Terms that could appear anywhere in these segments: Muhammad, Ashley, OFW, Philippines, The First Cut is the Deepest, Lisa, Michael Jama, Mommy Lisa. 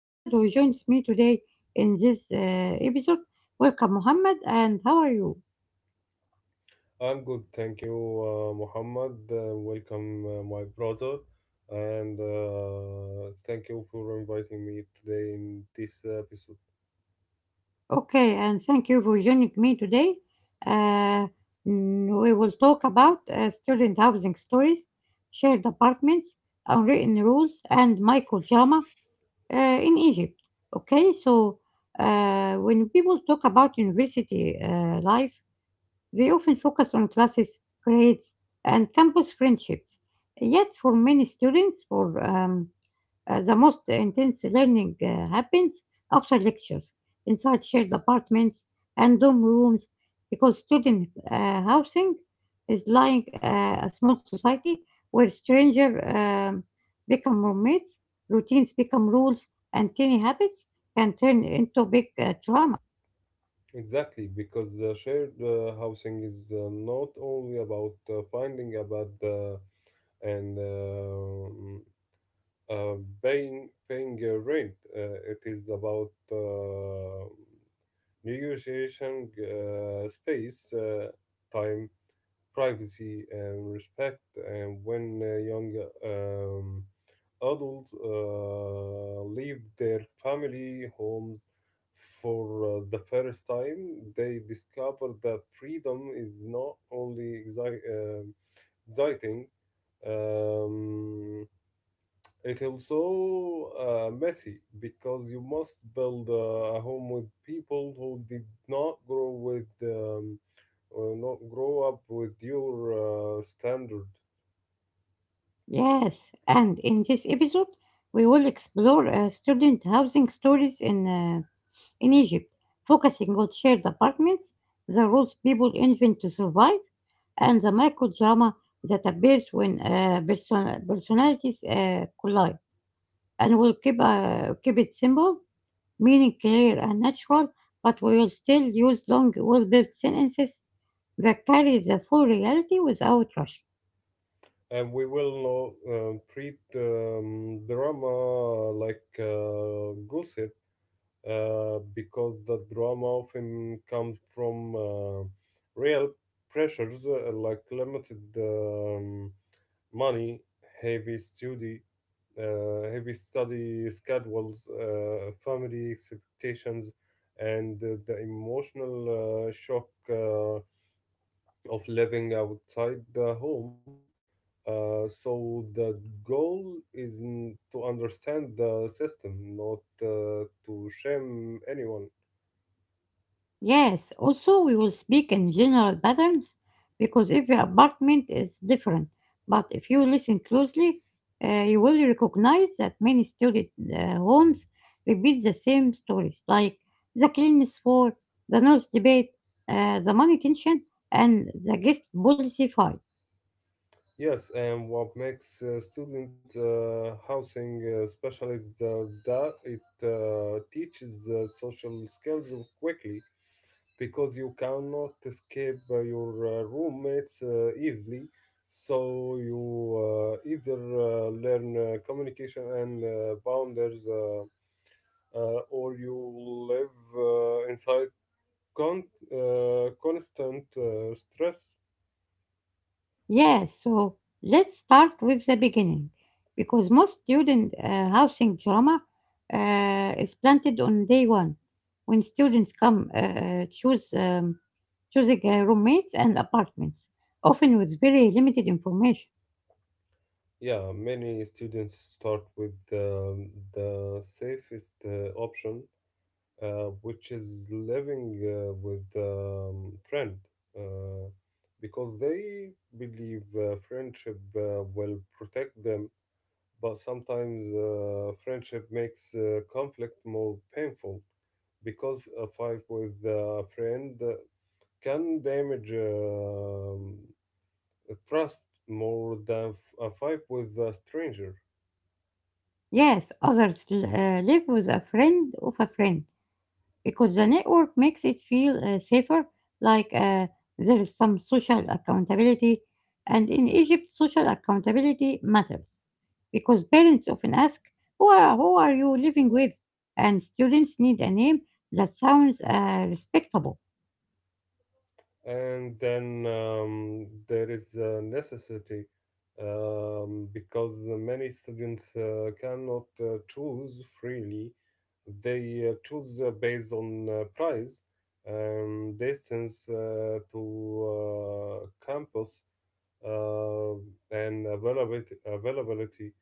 Mohammed who joins me today in this episode. Welcome, Mohammed, and how are you? I'm good, thank you, Muhammad. Welcome, my brother, and thank you for inviting me today in this episode. Okay, and thank you for joining me today. Uh, we will talk about student housing stories, shared apartments, unwritten rules, and Michael Jama, in Egypt. Okay, so when people talk about university life, they often focus on classes, grades, and campus friendships. Yet, for many students, for the most intense learning happens after lectures, inside shared apartments and dorm rooms, because student housing is like a small society where strangers become roommates, routines become rules, and tiny habits can turn into big trust. Exactly, because shared housing is not only about finding a bed and uh, paying rent. It is about negotiation space, time, privacy and respect. And when young um, adults leave their family homes for the first time, they discover that freedom is not only exciting. Um, it also messy because you must build a home with people who did not grow with not grow up with your standard, Yes, and in this episode, we will explore student housing stories in Egypt, focusing on shared apartments, the roles people invent to survive, and the microdrama that appears when personalities collide. And we'll keep it simple, meaning clear and natural, but we will still use long, well built sentences that carry the full reality without rushing. and we will not treat drama like gossip because the drama often comes from real pressures like limited money, heavy study, heavy study schedules, family expectations and the emotional shock of living outside the home. So the goal is to understand the system, not to shame anyone. Yes, also we will speak in general patterns because every apartment is different. But if you listen closely, you will recognize that many student homes repeat the same stories like the cleanliness war, the noise debate, the money tension, and the guest policy fight. Yes, and what makes student housing special is that it teaches social skills quickly because you cannot escape your roommates easily. So you either learn communication and boundaries, or you live inside con- constant stress. Yes, so let's start with the beginning because most student housing drama is planted on day one when students come choose choosing roommates and apartments, often with very limited information. Yeah, many students start with the safest option, which is living with friend, uh, because they believe friendship will protect them. But sometimes friendship makes conflict more painful because a fight with a friend can damage trust more than a fight with a stranger. Yes, others live with a friend of a friend, because the network makes it feel safer, like there is some social accountability. And in Egypt, social accountability matters because parents often ask, who are you living with? And students need a name that sounds respectable. And then there is a necessity, because many students cannot choose freely. They choose based on price and distance to campus uh, and availability.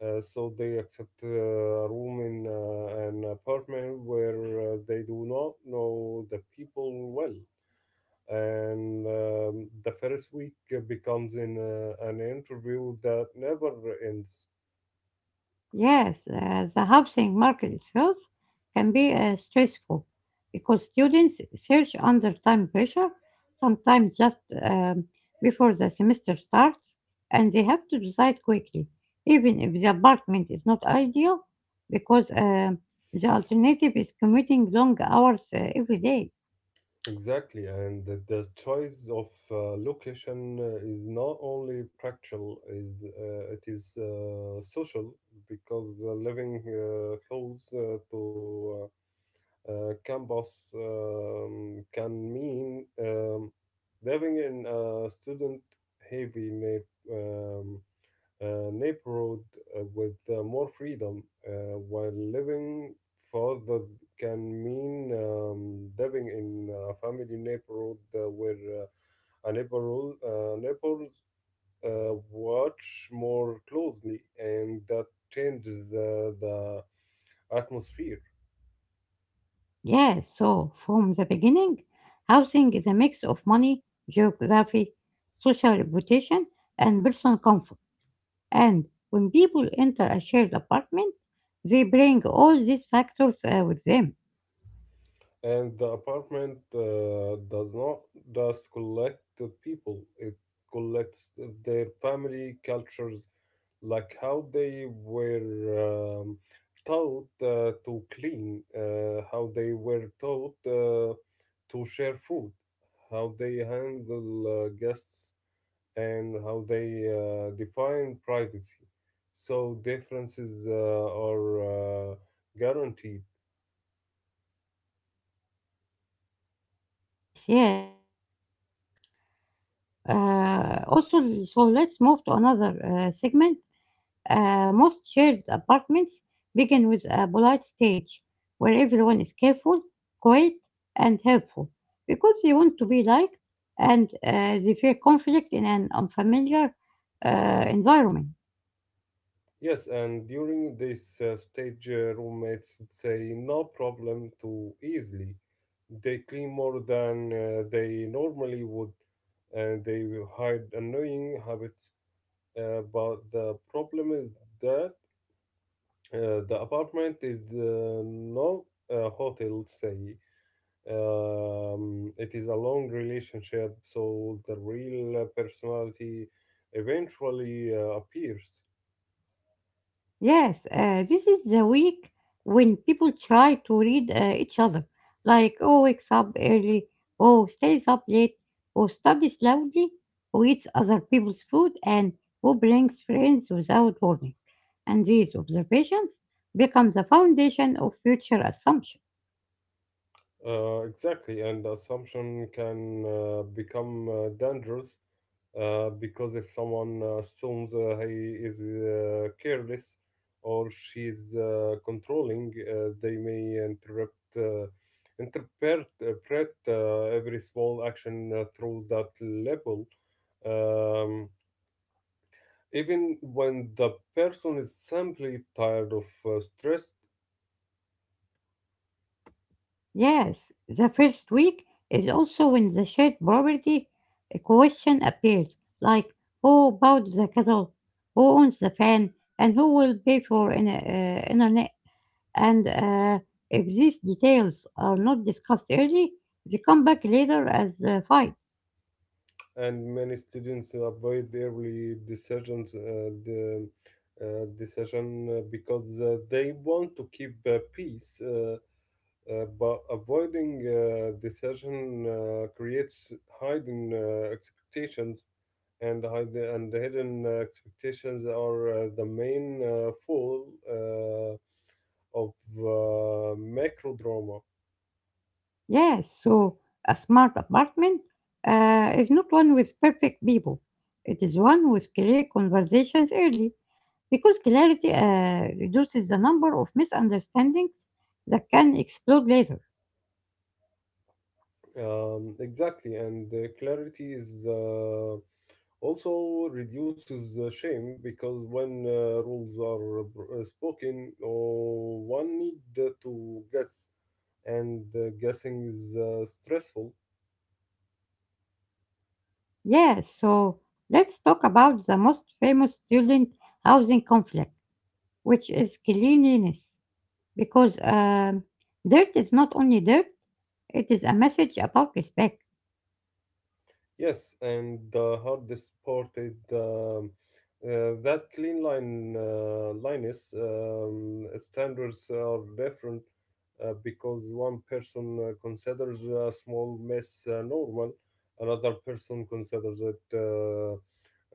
So they accept a room in an apartment where they do not know the people well, and the first week becomes in an interview that never ends. Yes, the housing market itself can be stressful because students search under time pressure, sometimes just before the semester starts, and they have to decide quickly, even if the apartment is not ideal, because the alternative is commuting long hours every day. Exactly, and the choice of location is not only practical, is it is social, because living close to campus can mean living in a student heavy um, neighborhood with more freedom, while living further can mean living in a family neighborhood where a neighbors watch more closely, and that changes the atmosphere. Yes, so from the beginning, housing is a mix of money, geography, social reputation, and personal comfort. And when people enter a shared apartment, they bring all these factors with them. And the apartment does not just collect the people, it collects their family cultures, like how they were taught to clean, how they were taught to share food, how they handle guests, and how they define privacy. So differences are guaranteed. Yes, yes. So let's move to another segment. Most shared apartments begin with a polite stage where everyone is careful, quiet, and helpful because they want to be liked and they fear conflict in an unfamiliar environment. Yes, and during this stage, roommates say no problem too easily. They clean more than they normally would, and they will hide annoying habits. But the problem is that the apartment is the no hotel, say. It is a long relationship, so the real personality eventually appears. Yes, this is the week when people try to read each other, like, oh, wakes up early, oh, stays up late, who studies loudly, who eats other people's food, and who brings friends without warning. And these observations become the foundation of future assumptions. Exactly, and assumption can become dangerous, because if someone assumes he is careless or she's controlling, they may interpret every small action through that label, um, even when the person is simply tired of stress. Yes, the first week is also when the shared property question appears, like who bought the kettle, who owns the fan, and who will pay for internet. And if these details are not discussed early, they come back later as fights. And many students avoid early decisions, the decision, because they want to keep peace, but avoiding decision creates hidden expectations, and the hidden expectations are the main fall of macro drama. Yes, so a smart apartment is not one with perfect people. It is one with clear conversations early, because clarity reduces the number of misunderstandings that can explode later. Exactly, and clarity is also reduces shame, because when rules are spoken, oh, one need to guess, and guessing is stressful. Yes, so let's talk about the most famous student housing conflict, which is cleanliness, because dirt is not only dirt, it is a message about respect. Yes, and the hard supported that clean line line is standards are different, because one person considers a small mess normal, another person considers it uh,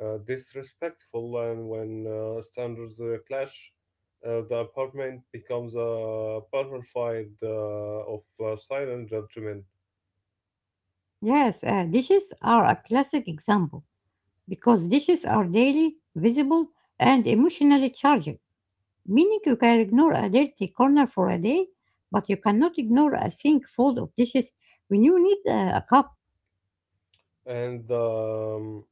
uh, disrespectful, and when standards clash, the apartment becomes a battlefield of silent judgment. Yes, dishes are a classic example because dishes are daily, visible, and emotionally charged, meaning you can ignore a dirty corner for a day, but you cannot ignore a sink full of dishes when you need a cup. And.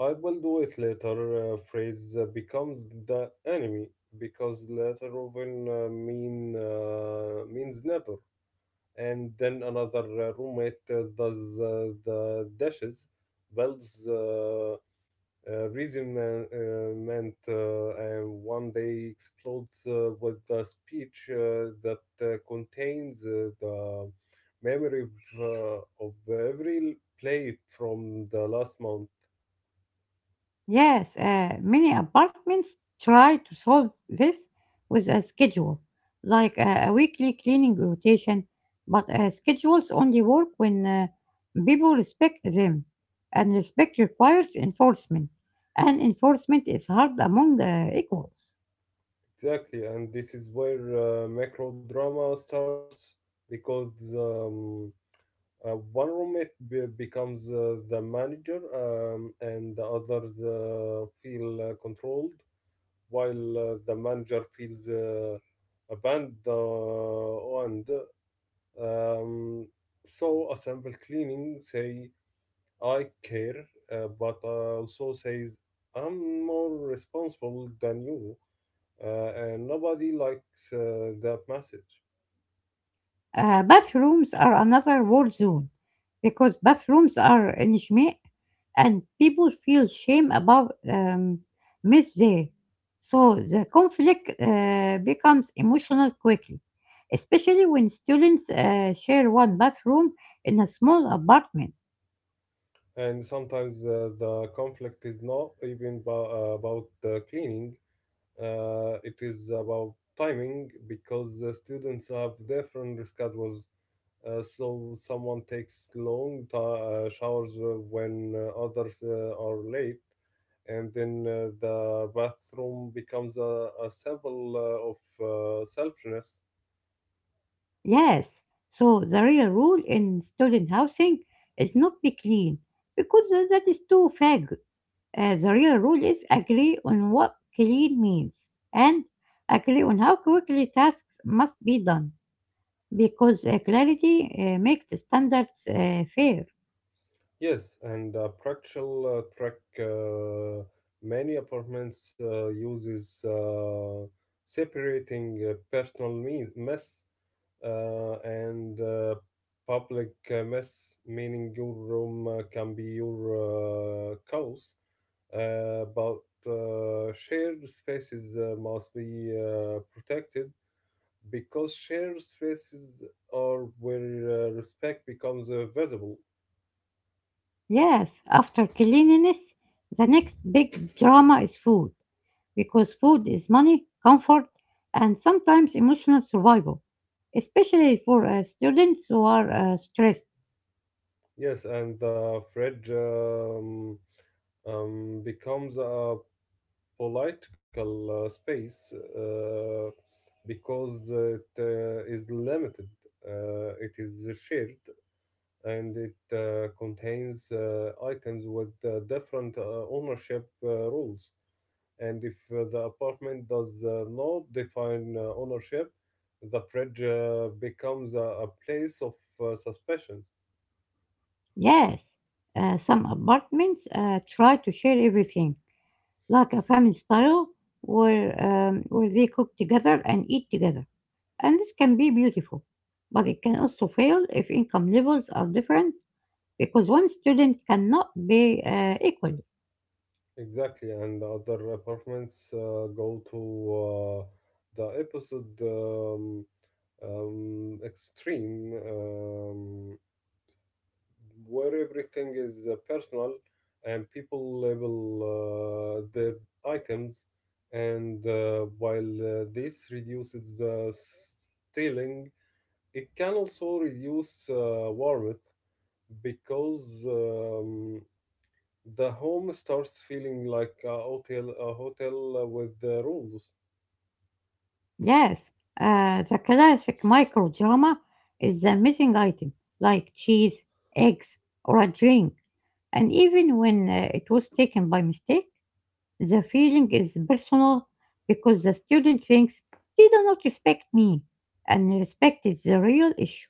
I will do it later phrase becomes the enemy because later often means never. And then another roommate does the dashes, builds resentment, and one day explodes with a speech that contains the memory of of every plate from the last month. Yes, many apartments try to solve this with a schedule, like a weekly cleaning rotation, but schedules only work when people respect them, and respect requires enforcement, and enforcement is hard among equals. Exactly, and this is where macro drama starts because uh, one roommate becomes the manager, and the others feel controlled while the manager feels abandoned. Um, so a cleaning say I care, but also says I'm more responsible than you, uh, and nobody likes that message. Bathrooms are another war zone because bathrooms are intimate and people feel shame about miss there. So the conflict becomes emotional quickly, especially when students share one bathroom in a small apartment. And sometimes the conflict is not even about cleaning, it is about timing, because students have different schedules. So someone takes long ti showers when others are late, and then the bathroom becomes a symbol of selfishness. Yes, so the real rule in student housing is not be clean because that is too vague. The real rule is agree on what clean means and agree on how quickly tasks must be done because clarity makes the standards fair. Yes, and practical track, uh, many apartments uses separating personal mess and public mess, meaning your room can be your house, but shared spaces must be protected, because shared spaces are where respect becomes visible. Yes, after cleanliness, the next big drama is food, because food is money, comfort, and sometimes emotional survival, especially for students who are stressed. Yes, and the fridge becomes a political space, because it is limited. It is shared and it contains items with different ownership rules. And if the apartment does not define ownership, the fridge becomes a place of suspicion. Yes, some apartments try to share everything, like a family style where they cook together and eat together. And this can be beautiful, but it can also fail if income levels are different because one student cannot be equal. Exactly, and the other apartments go to uh, the episode extreme, where everything is personal and people label their items, and while this reduces the stealing, it can also reduce warmth because. The home starts feeling like a hotel with rules. Yes, the classic micro drama is the missing item, like cheese, eggs, or a drink. And even when it was taken by mistake, the feeling is personal because the student thinks they do not respect me, and respect is the real issue.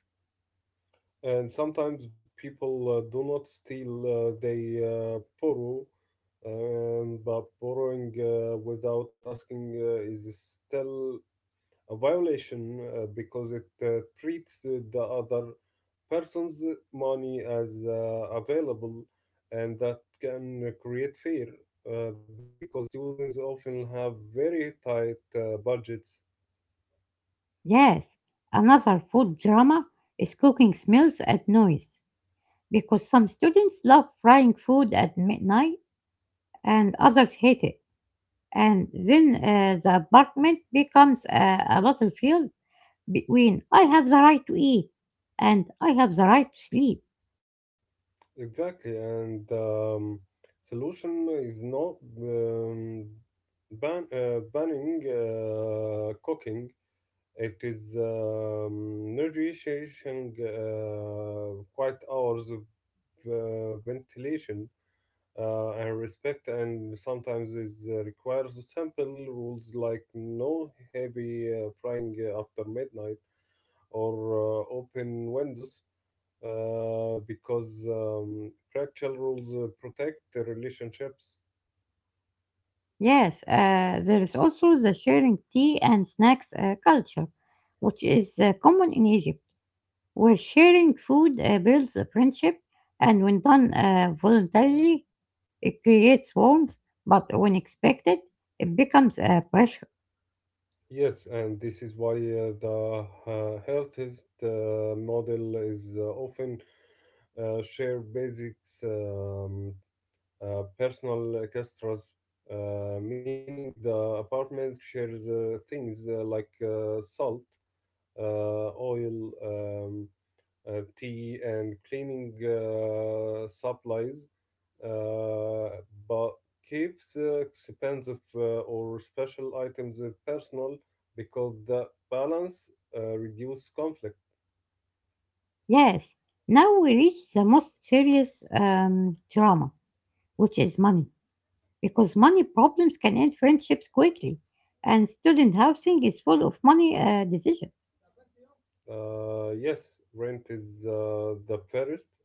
And sometimes people do not steal, they borrow, but borrowing without asking is still a violation, because it treats the other person's money as available, and that can create fear, because students often have very tight budgets. Yes, another food drama is cooking smells and noise because some students love frying food at midnight and others hate it, and then the apartment becomes a battlefield between I have the right to eat and I have the right to sleep. Exactly, and solution is not um, banning cooking. It is negotiating quiet hours of ventilation and respect, and sometimes is requires simple rules like no heavy frying after midnight or open windows, because practical rules protect the relationships. Yes, there is also the sharing tea and snacks culture, which is common in Egypt, where sharing food builds a friendship, and when done voluntarily, it creates warmth, but when expected, it becomes a pressure. Yes, and this is why the healthiest model is often share basics, personal extras, meaning the apartment shares things like salt, oil, tea and cleaning supplies, uh, but keeps expensive or special items personal, because the balance reduce conflict. Yes, now we reach the most serious drama, which is money, because money problems can end friendships quickly, and student housing is full of money decisions. Yes, rent is the first,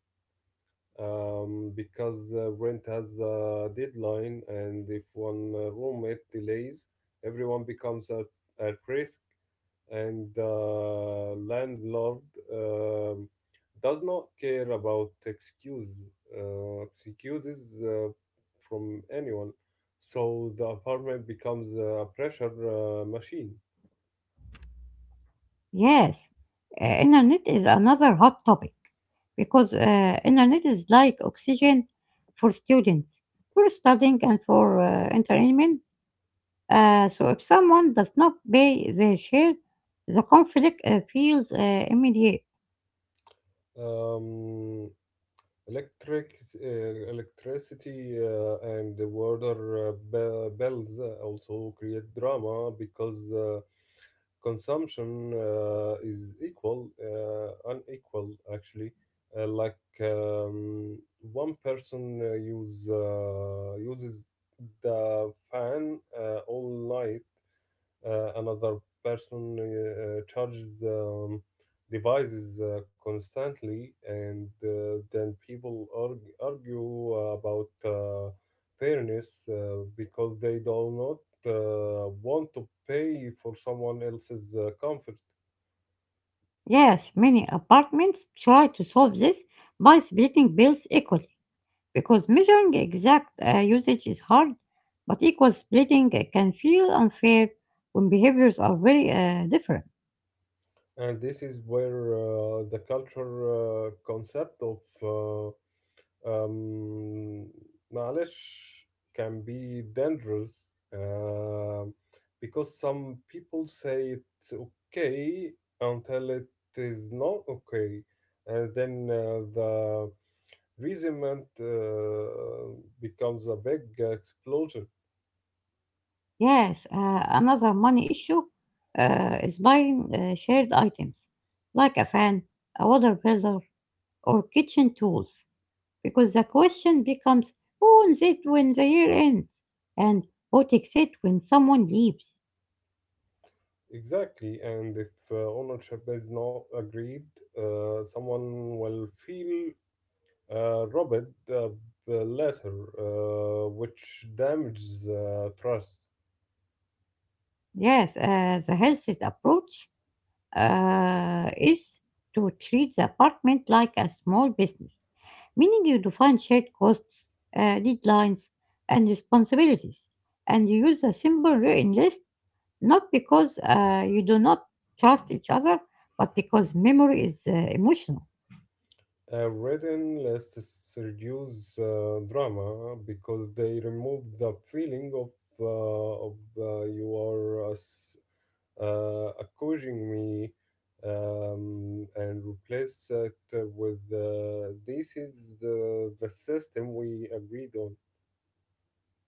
because rent has a deadline, and if one roommate delays, everyone becomes at risk. And the landlord um, does not care about excuses from anyone. So the apartment becomes a pressure machine. Yes, internet is another hot topic because internet is like oxygen for students, for studying and for entertainment. So if someone does not pay their share, the conflict feels immediate. Um, electric uh, electricity and the water bills, eh, also create drama because consumption is equal unequal actually, like one person uses the fan all night, another person charges devices constantly, and then people argue about fairness, because they do not want to pay for someone else's comfort. Yes, many apartments try to solve this by splitting bills equally because measuring exact usage is hard, but equal splitting can feel unfair when behaviors are very different. And this is where the culture concept of um, معلش can be dangerous, because some people say it's okay until it is not okay, and then the resentment becomes a big explosion. Yes, another money issue is buying shared items like a fan, a water filter, or kitchen tools, because the question becomes who owns it when the year ends and who takes it when someone leaves. Exactly, and if ownership is not agreed, someone will feel Robert the letter, which damages trust. Yes, the health approach is to treat the apartment like a small business, meaning you define shared costs, deadlines, and responsibilities, and you use a simple written list not because you do not trust each other, but because memory is emotional. A written list reduces drama because they remove the feeling of, you are accusing me, and replace it with this is the system we agreed on.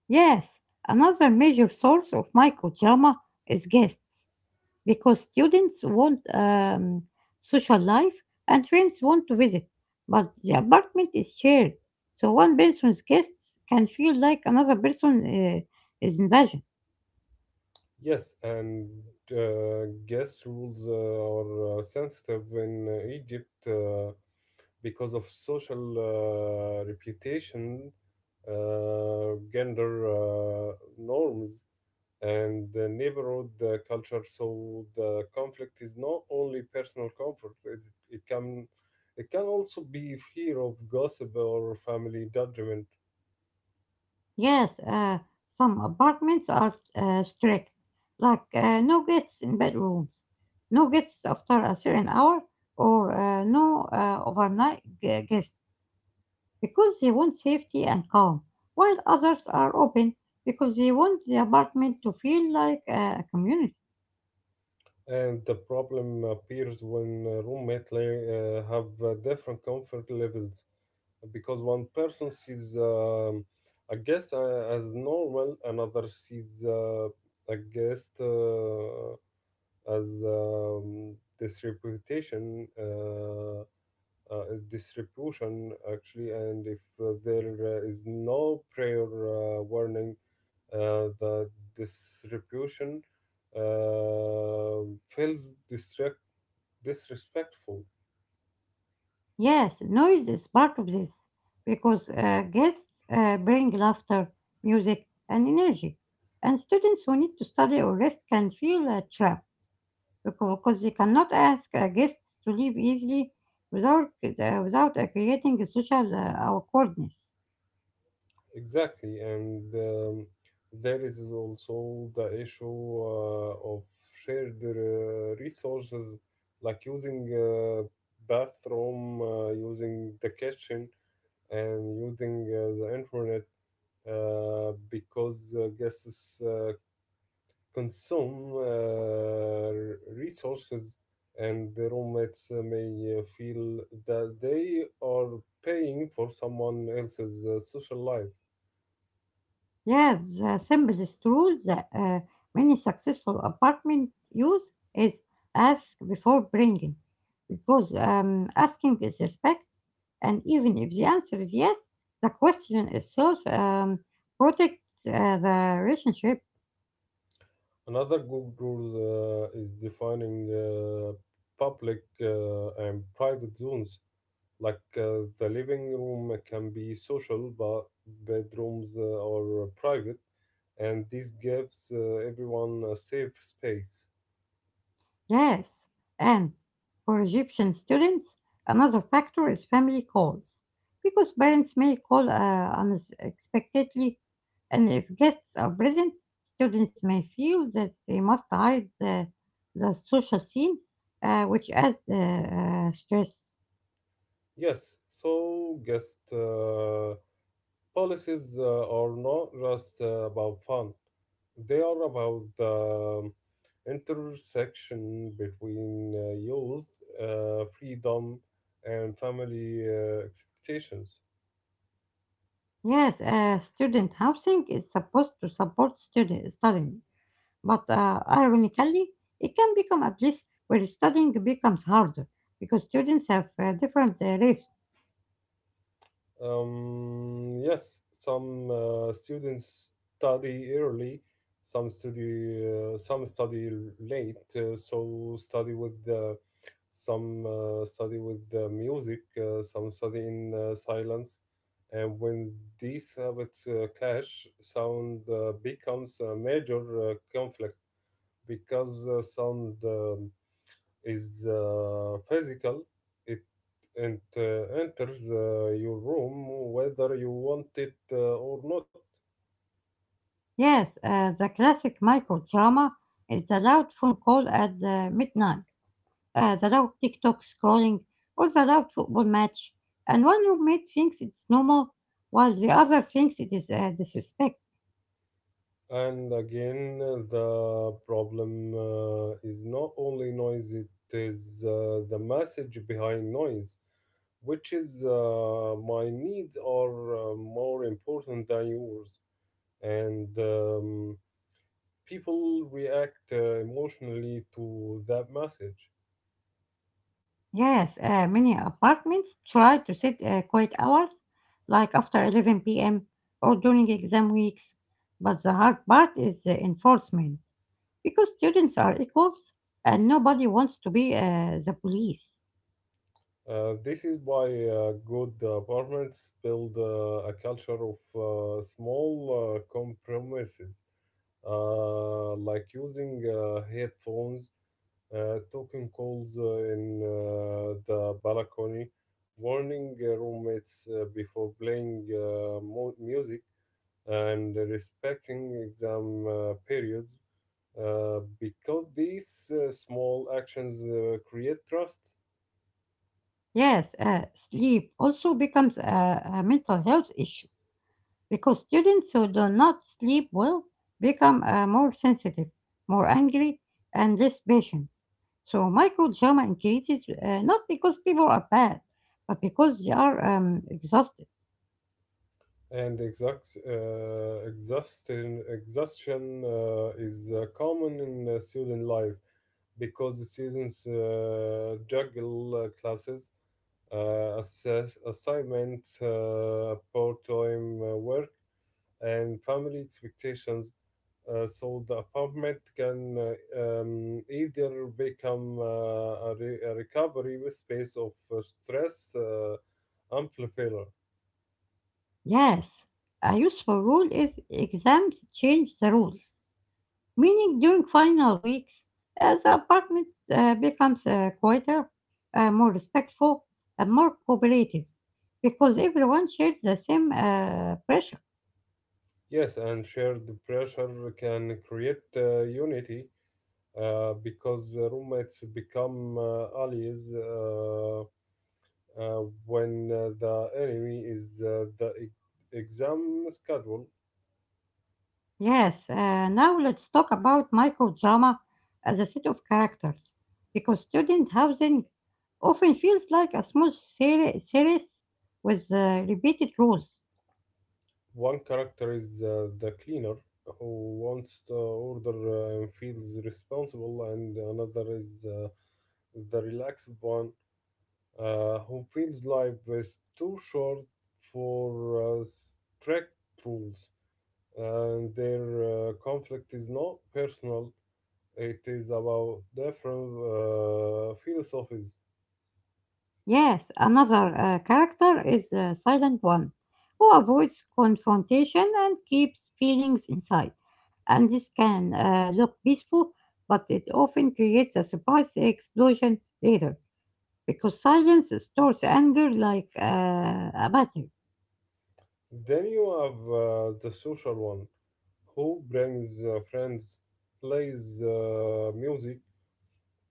Yes, another major source of microdrama is guests, because students want social life and friends want to visit, but the apartment is shared, so one person's guests can feel like another person is invasion. Yes, and gas rules are sensitive in Egypt, because of social reputation, gender norms, and the neighborhood culture. So the conflict is not only personal comfort; it can it can also be fear of gossip or family judgment. Yes, some apartments are strict, like no guests in bedrooms, no guests after a certain hour, or no overnight guests, because they want safety and calm, while others are open because they want the apartment to feel like a community. And the problem appears when roommates have different comfort levels because one person sees a guest as normal, another sees a guest as this reputation, uh, disrepute actually, and if there is no prior warning, the disruption feels disrespectful. Yes, noise is part of this because guests bring laughter, music, and energy. And students who need to study or rest can feel trapped because they cannot ask guests to leave easily without creating a social awkwardness. Exactly, and there is also the issue of shared resources, like using bathroom, using the kitchen, and using the internet because guests consume resources, and the roommates may feel that they are paying for someone else's social life. Yes, the simplest rule that many successful apartment use is ask before bringing, because asking is respect, and even if the answer is yes, the question itself protects the relationship. Another good rule is defining public and private zones. Like the living room can be social, but bedrooms are private, and this gives everyone a safe space. Yes, and for Egyptian students, another factor is family calls, because parents may call unexpectedly, and if guests are present, students may feel that they must hide the social scene, which adds stress. Yes, so guests, policies are not just about fun, they are about the intersection between youth, freedom, and family expectations. Yes, student housing is supposed to support student studying, but ironically, it can become a place where studying becomes harder because students have different reasons. Yes, some students study early, some study late. So some study with the music, some study in silence, and when these habits clash, sound becomes a major conflict because sound is physical. It and enters your room whether you want it or not. Yes, the classic microdrama is the loud phone call at midnight, the loud TikTok scrolling, or the loud football match, and one roommate thinks it's normal while the other thinks it is disrespect. And again, the problem is not only noise; it is the message behind noise, which is my needs are more important than yours, and people react emotionally to that message. Yes, many apartments try to set quiet hours, like after 11 p.m. or during exam weeks. But the hard part is the enforcement, because students are equals and nobody wants to be the police. This is why good apartments build a culture of small compromises, like using headphones, taking calls in the balcony, warning roommates before playing music, and respecting exam periods, because these small actions create trust. Yes, sleep also becomes a mental health issue, because students who do not sleep well become more sensitive, more angry, and less patient. So Michael drama increases not because people are bad, but because they are exhausted. And exhaustion is common in student life because the students juggle classes, assignment, part-time work, and family expectations. So the apartment can either become a recovery space of stress amplifier. Yes, a useful rule is exams change the rules, meaning during final weeks, the apartment becomes quieter, more respectful, and more cooperative because everyone shares the same pressure. Yes, and shared pressure can create unity because roommates become allies, when the enemy is exam schedule. Yes, now let's talk about microdrama as a set of characters, because student housing often feels like a small series with repeated rules. One character is the cleaner who wants to order and feels responsible, and another is the relaxed one who feels life is too short for strict rules, and their conflict is not personal. It is about different philosophies. Yes, another character is a Silent One, who avoids confrontation and keeps feelings inside. And this can look peaceful, but it often creates a surprise explosion later, because silence stores anger like a battery. Then you have the social one who brings friends, plays music,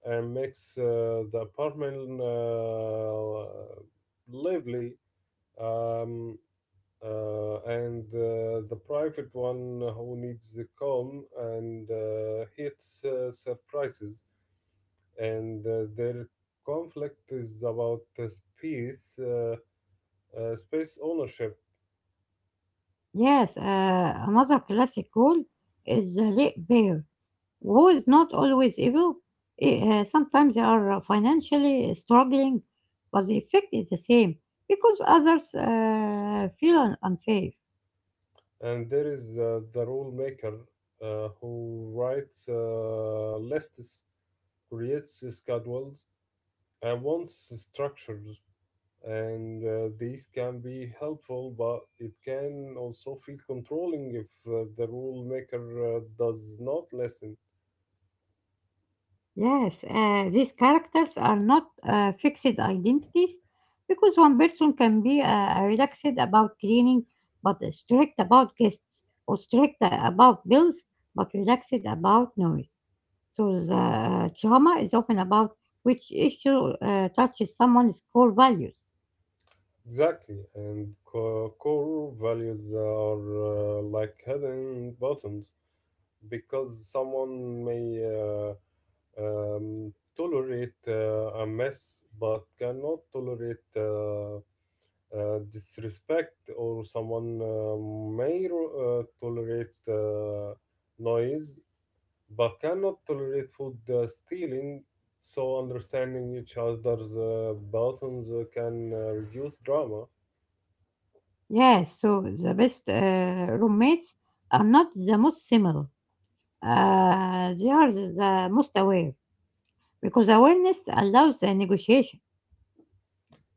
and makes the apartment lively, um, and the private one who needs the calm and hates surprises. And their conflict is about space ownership. Yes, another classic rule is the late bear, who is not always evil. Sometimes they are financially struggling, but the effect is the same because others feel unsafe. And there is the rule maker who writes lists, creates schedules, and wants structures, and these can be helpful, but it can also feel controlling if the rule maker does not listen. Yes, these characters are not fixed identities because one person can be relaxed about cleaning but strict about guests or strict about bills but relaxed about noise. So the drama is often about which issue touches someone's core values. Exactly, and core values are like hidden buttons because someone may uh, tolerate a mess but cannot tolerate disrespect, or someone may tolerate noise but cannot tolerate food stealing. So understanding each other's buttons can reduce drama. Yes, so the best roommates are not the most similar. They are the most aware. Because awareness allows a negotiation.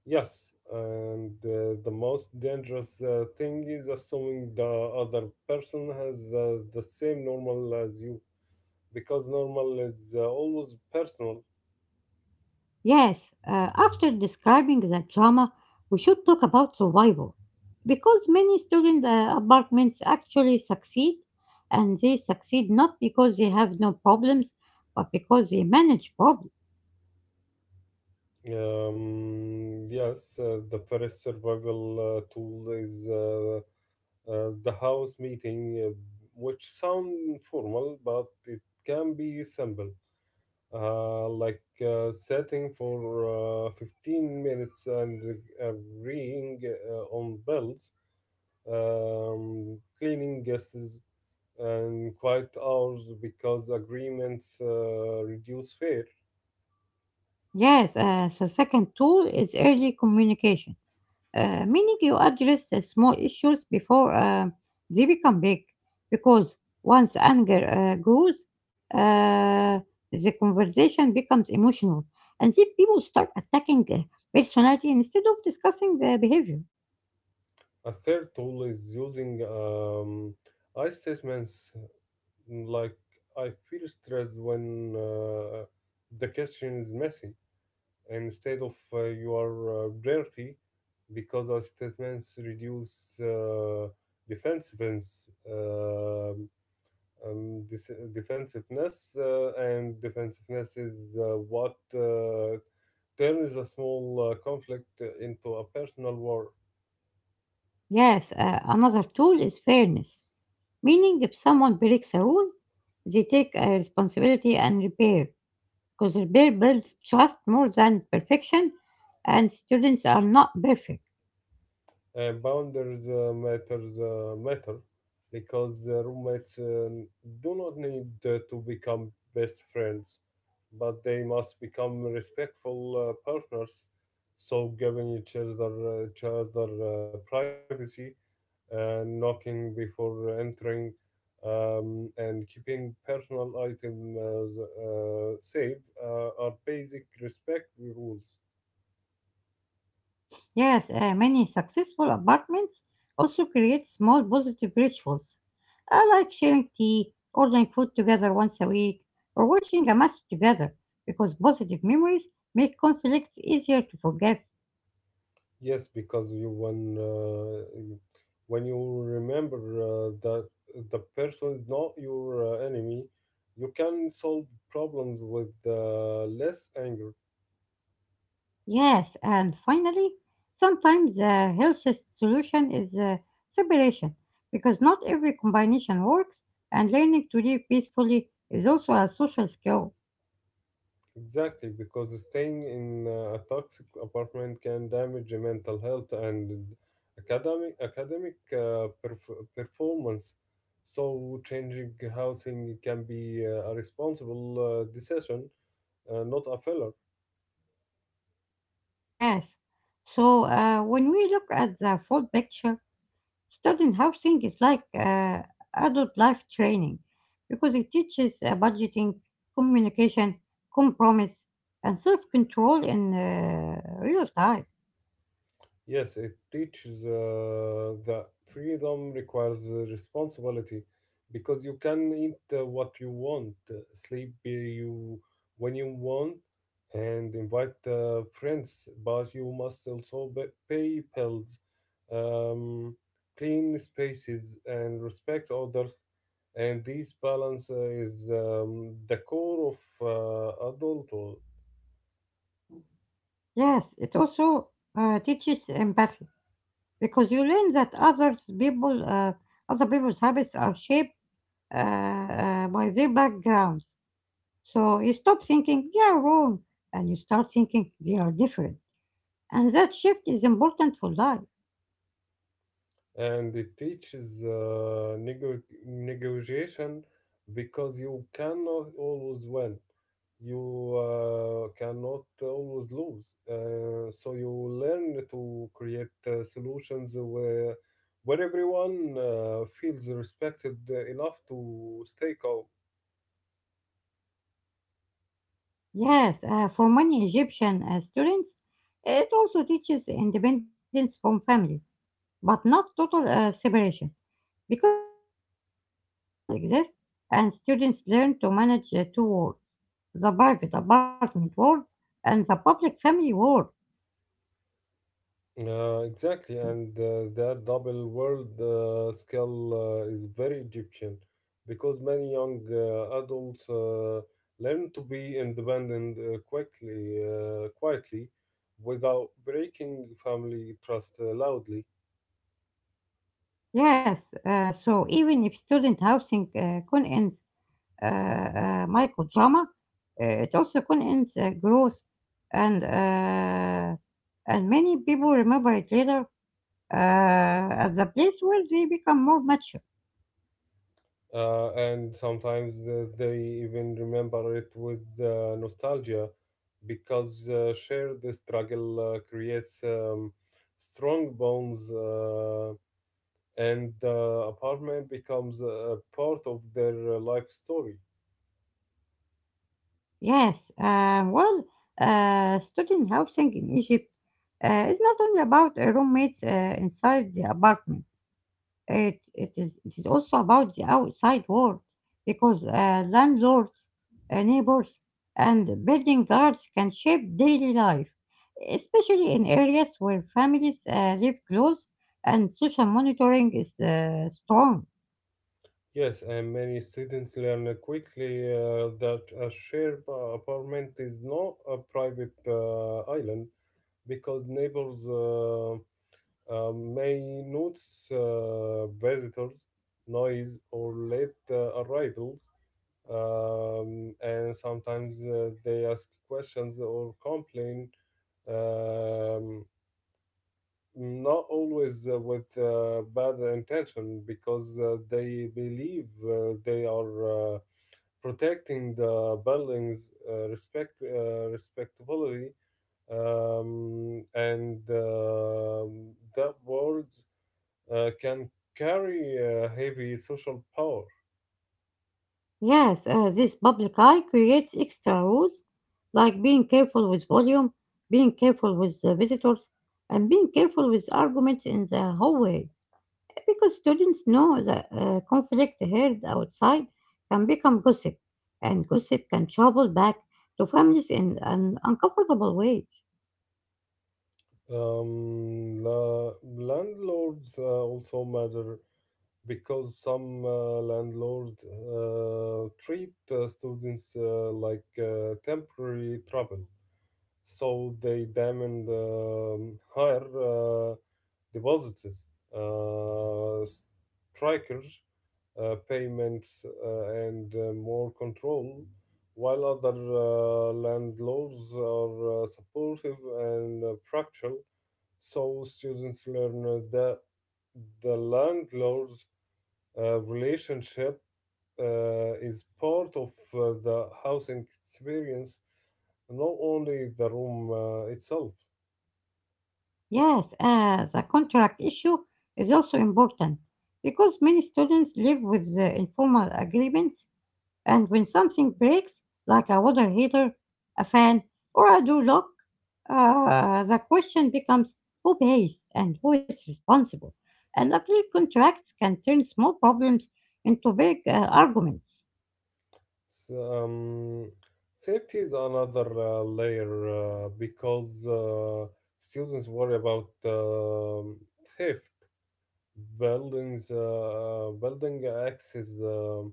Yes, and the most dangerous thing is assuming the other person has the same normal as you, because normal is always personal. Yes, after describing the trauma, we should talk about survival. Because many student apartments actually succeed, and they succeed not because they have no problems, but because they manage problems. Yes, the first survival tool is the house meeting, which sound formal, but it can be simple, like setting for 15 minutes and agreeing on bills, cleaning guesses, and quiet hours because agreements reduce fear. Yes, the second tool is early communication, meaning you address the small issues before they become big. Because once anger grows, uh, the conversation becomes emotional, and then people start attacking personality instead of discussing the behavior. A third tool is using I statements, like I feel stressed when the question is messy instead of your dirty, because our statements reduce defensiveness, defensiveness, and defensiveness is what turns a small conflict into a personal war. Yes, another tool is fairness, meaning if someone breaks a rule, they take responsibility and repair. Because Kuzerbeer builds trust more than perfection, and students are not perfect. Boundaries matter because roommates do not need to become best friends, but they must become respectful partners. So giving each other privacy, knocking before entering, and keeping personal items safe are basic respect rules. Yes, many successful apartments also create small positive rituals, like sharing tea, ordering food together once a week, or watching a match together, because positive memories make conflicts easier to forgive. Yes, because you when you remember that the person is not your enemy, you can solve problems with less anger. Yes, and finally, sometimes the healthiest solution is separation because not every combination works, and learning to live peacefully is also a social skill. Exactly, because staying in a toxic apartment can damage your mental health and academic performance. So changing housing can be a responsible decision, not a failure. Yes, so when we look at the full picture, student housing is like adult life training because it teaches budgeting, communication, compromise, and self control in real time. Yes, it teaches that freedom requires responsibility because you can eat what you want, sleep you when you want, and invite friends, but you must also pay bills, um, clean spaces, and respect others. And this balance is the core of adulthood. Yes, it also teaches empathy. Because you learn that others people, other people's habits are shaped by their backgrounds. So you stop thinking they are wrong and you start thinking they are different. And that shift is important for life. And it teaches negotiation because you cannot always win, you cannot always lose, so you learn to create solutions where everyone feels respected enough to stay calm. Yes, for many Egyptian students, it also teaches independence from family, but not total separation, because family expectations still exist and students learn to manage the two worlds, the private apartment world and the public family world. Exactly, and that double world skill is very Egyptian because many young adults learn to be independent quickly, quietly, without breaking family trust loudly. Yes, so even if student housing contains microdrama, it also contains growth, and uh, and many people remember it later as a place where they become more mature. And sometimes they even remember it with nostalgia because shared struggle creates strong bonds. And the apartment becomes a part of their life story. Yes, well, student housing in Egypt is not only about roommates inside the apartment. It is also about the outside world because landlords, neighbors, and building guards can shape daily life, especially in areas where families live close and social monitoring is strong. Yes, and many students learn quickly that a shared apartment is not a private island because neighbors may notice visitors, noise, or late arrivals, and sometimes they ask questions or complain. Um, Not always with bad intention, because they believe they are protecting the building's respectability, and that word can carry heavy social power. Yes, this public eye creates extra rules like being careful with volume, being careful with visitors, and being careful with arguments in the hallway. Because students know that conflict heard outside can become gossip, and gossip can travel back to families in an uncomfortable ways. Landlords also matter because some landlords treat students like temporary trouble. So they demand higher deposits, uh, strikers, payments, and more control, while other landlords are supportive and practical. So students learn that the landlords relationship is part of the housing experience, not only the room itself. Yes, the contract issue is also important because many students live with the informal agreements. And when something breaks, like a water heater, a fan, or a door lock, the question becomes who pays and who is responsible. And ugly contracts can turn small problems into big arguments. S- um, Safety is another layer because students worry about theft, building access,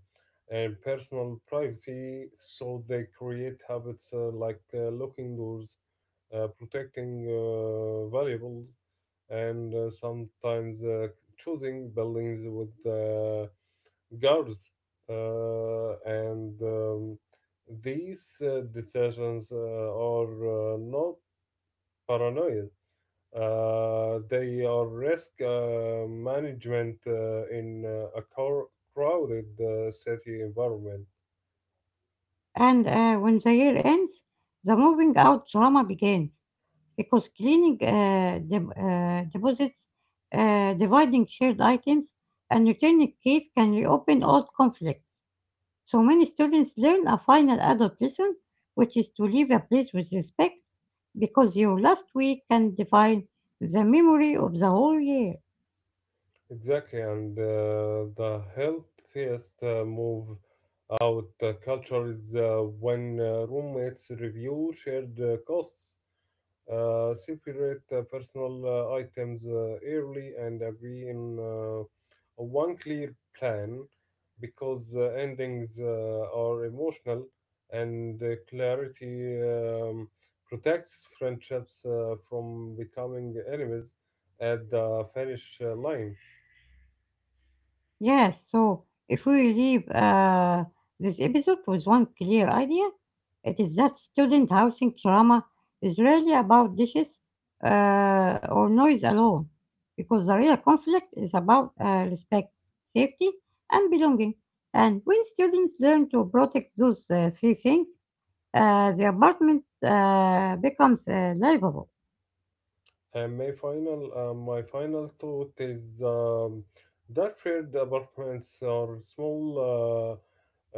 and personal privacy, so they create habits like locking doors, protecting valuables, and sometimes choosing buildings with guards. And These decisions are not paranoia; they are risk management in crowded city environment. And when the year ends, the moving out drama begins because cleaning deposits, dividing shared items, and returning keys can reopen old conflicts. So many students learn a final adult lesson, which is to leave a place with respect, because your last week can define the memory of the whole year. Exactly, and the healthiest move out culture is when roommates review shared costs, separate personal items early, and agree in one clear plan because endings are emotional and clarity protects friendships from becoming enemies at the finish line. Yes, so if we leave this episode with one clear idea, it is that student housing trauma is really about dishes or noise alone, because the real conflict is about respect, safety, and belonging. And when students learn to protect those three things, the apartment becomes livable. And my my final thought is that shared apartments or small uh,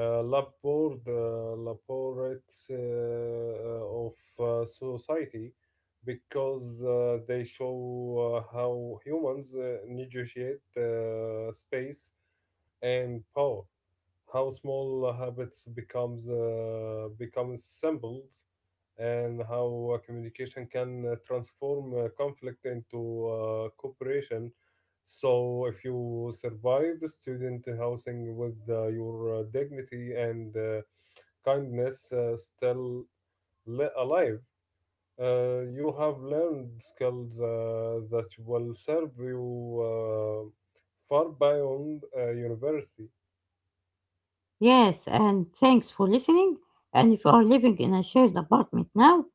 uh, labor, uh, laborates of society, because they show how humans negotiate space and power, how small habits becomes symbols, and how communication can transform conflict into cooperation. So if you survive student housing with your dignity and kindness alive, you have learned skills that will serve you uh, far beyond university. Yes, and thanks for listening. And if you are living in a shared apartment now,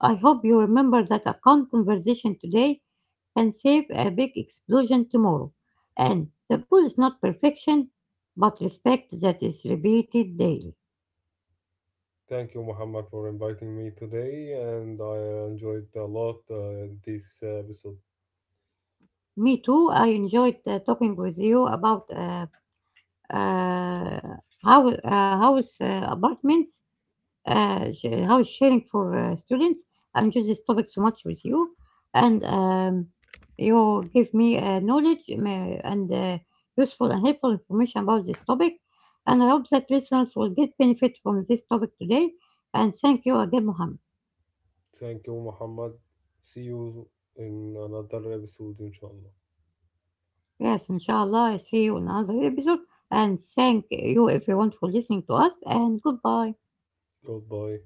I hope you remember that a calm conversation today can save a big explosion tomorrow. And the goal is not perfection, but respect that is repeated daily. Thank you, Muhammad, for inviting me today, and I enjoyed a lot this episode. Me too. I enjoyed talking with you about uh, house, uh, house apartments, how is sharing for students. I enjoy this topic so much with you, and you give me knowledge and useful and helpful information about this topic. And I hope that listeners will get benefit from this topic today. And thank you again, Mohammed. Thank you, Muhammad. See you in another episode, inshallah. Yes, inshallah, I see you in another episode. And thank you everyone for listening to us. And goodbye. Goodbye.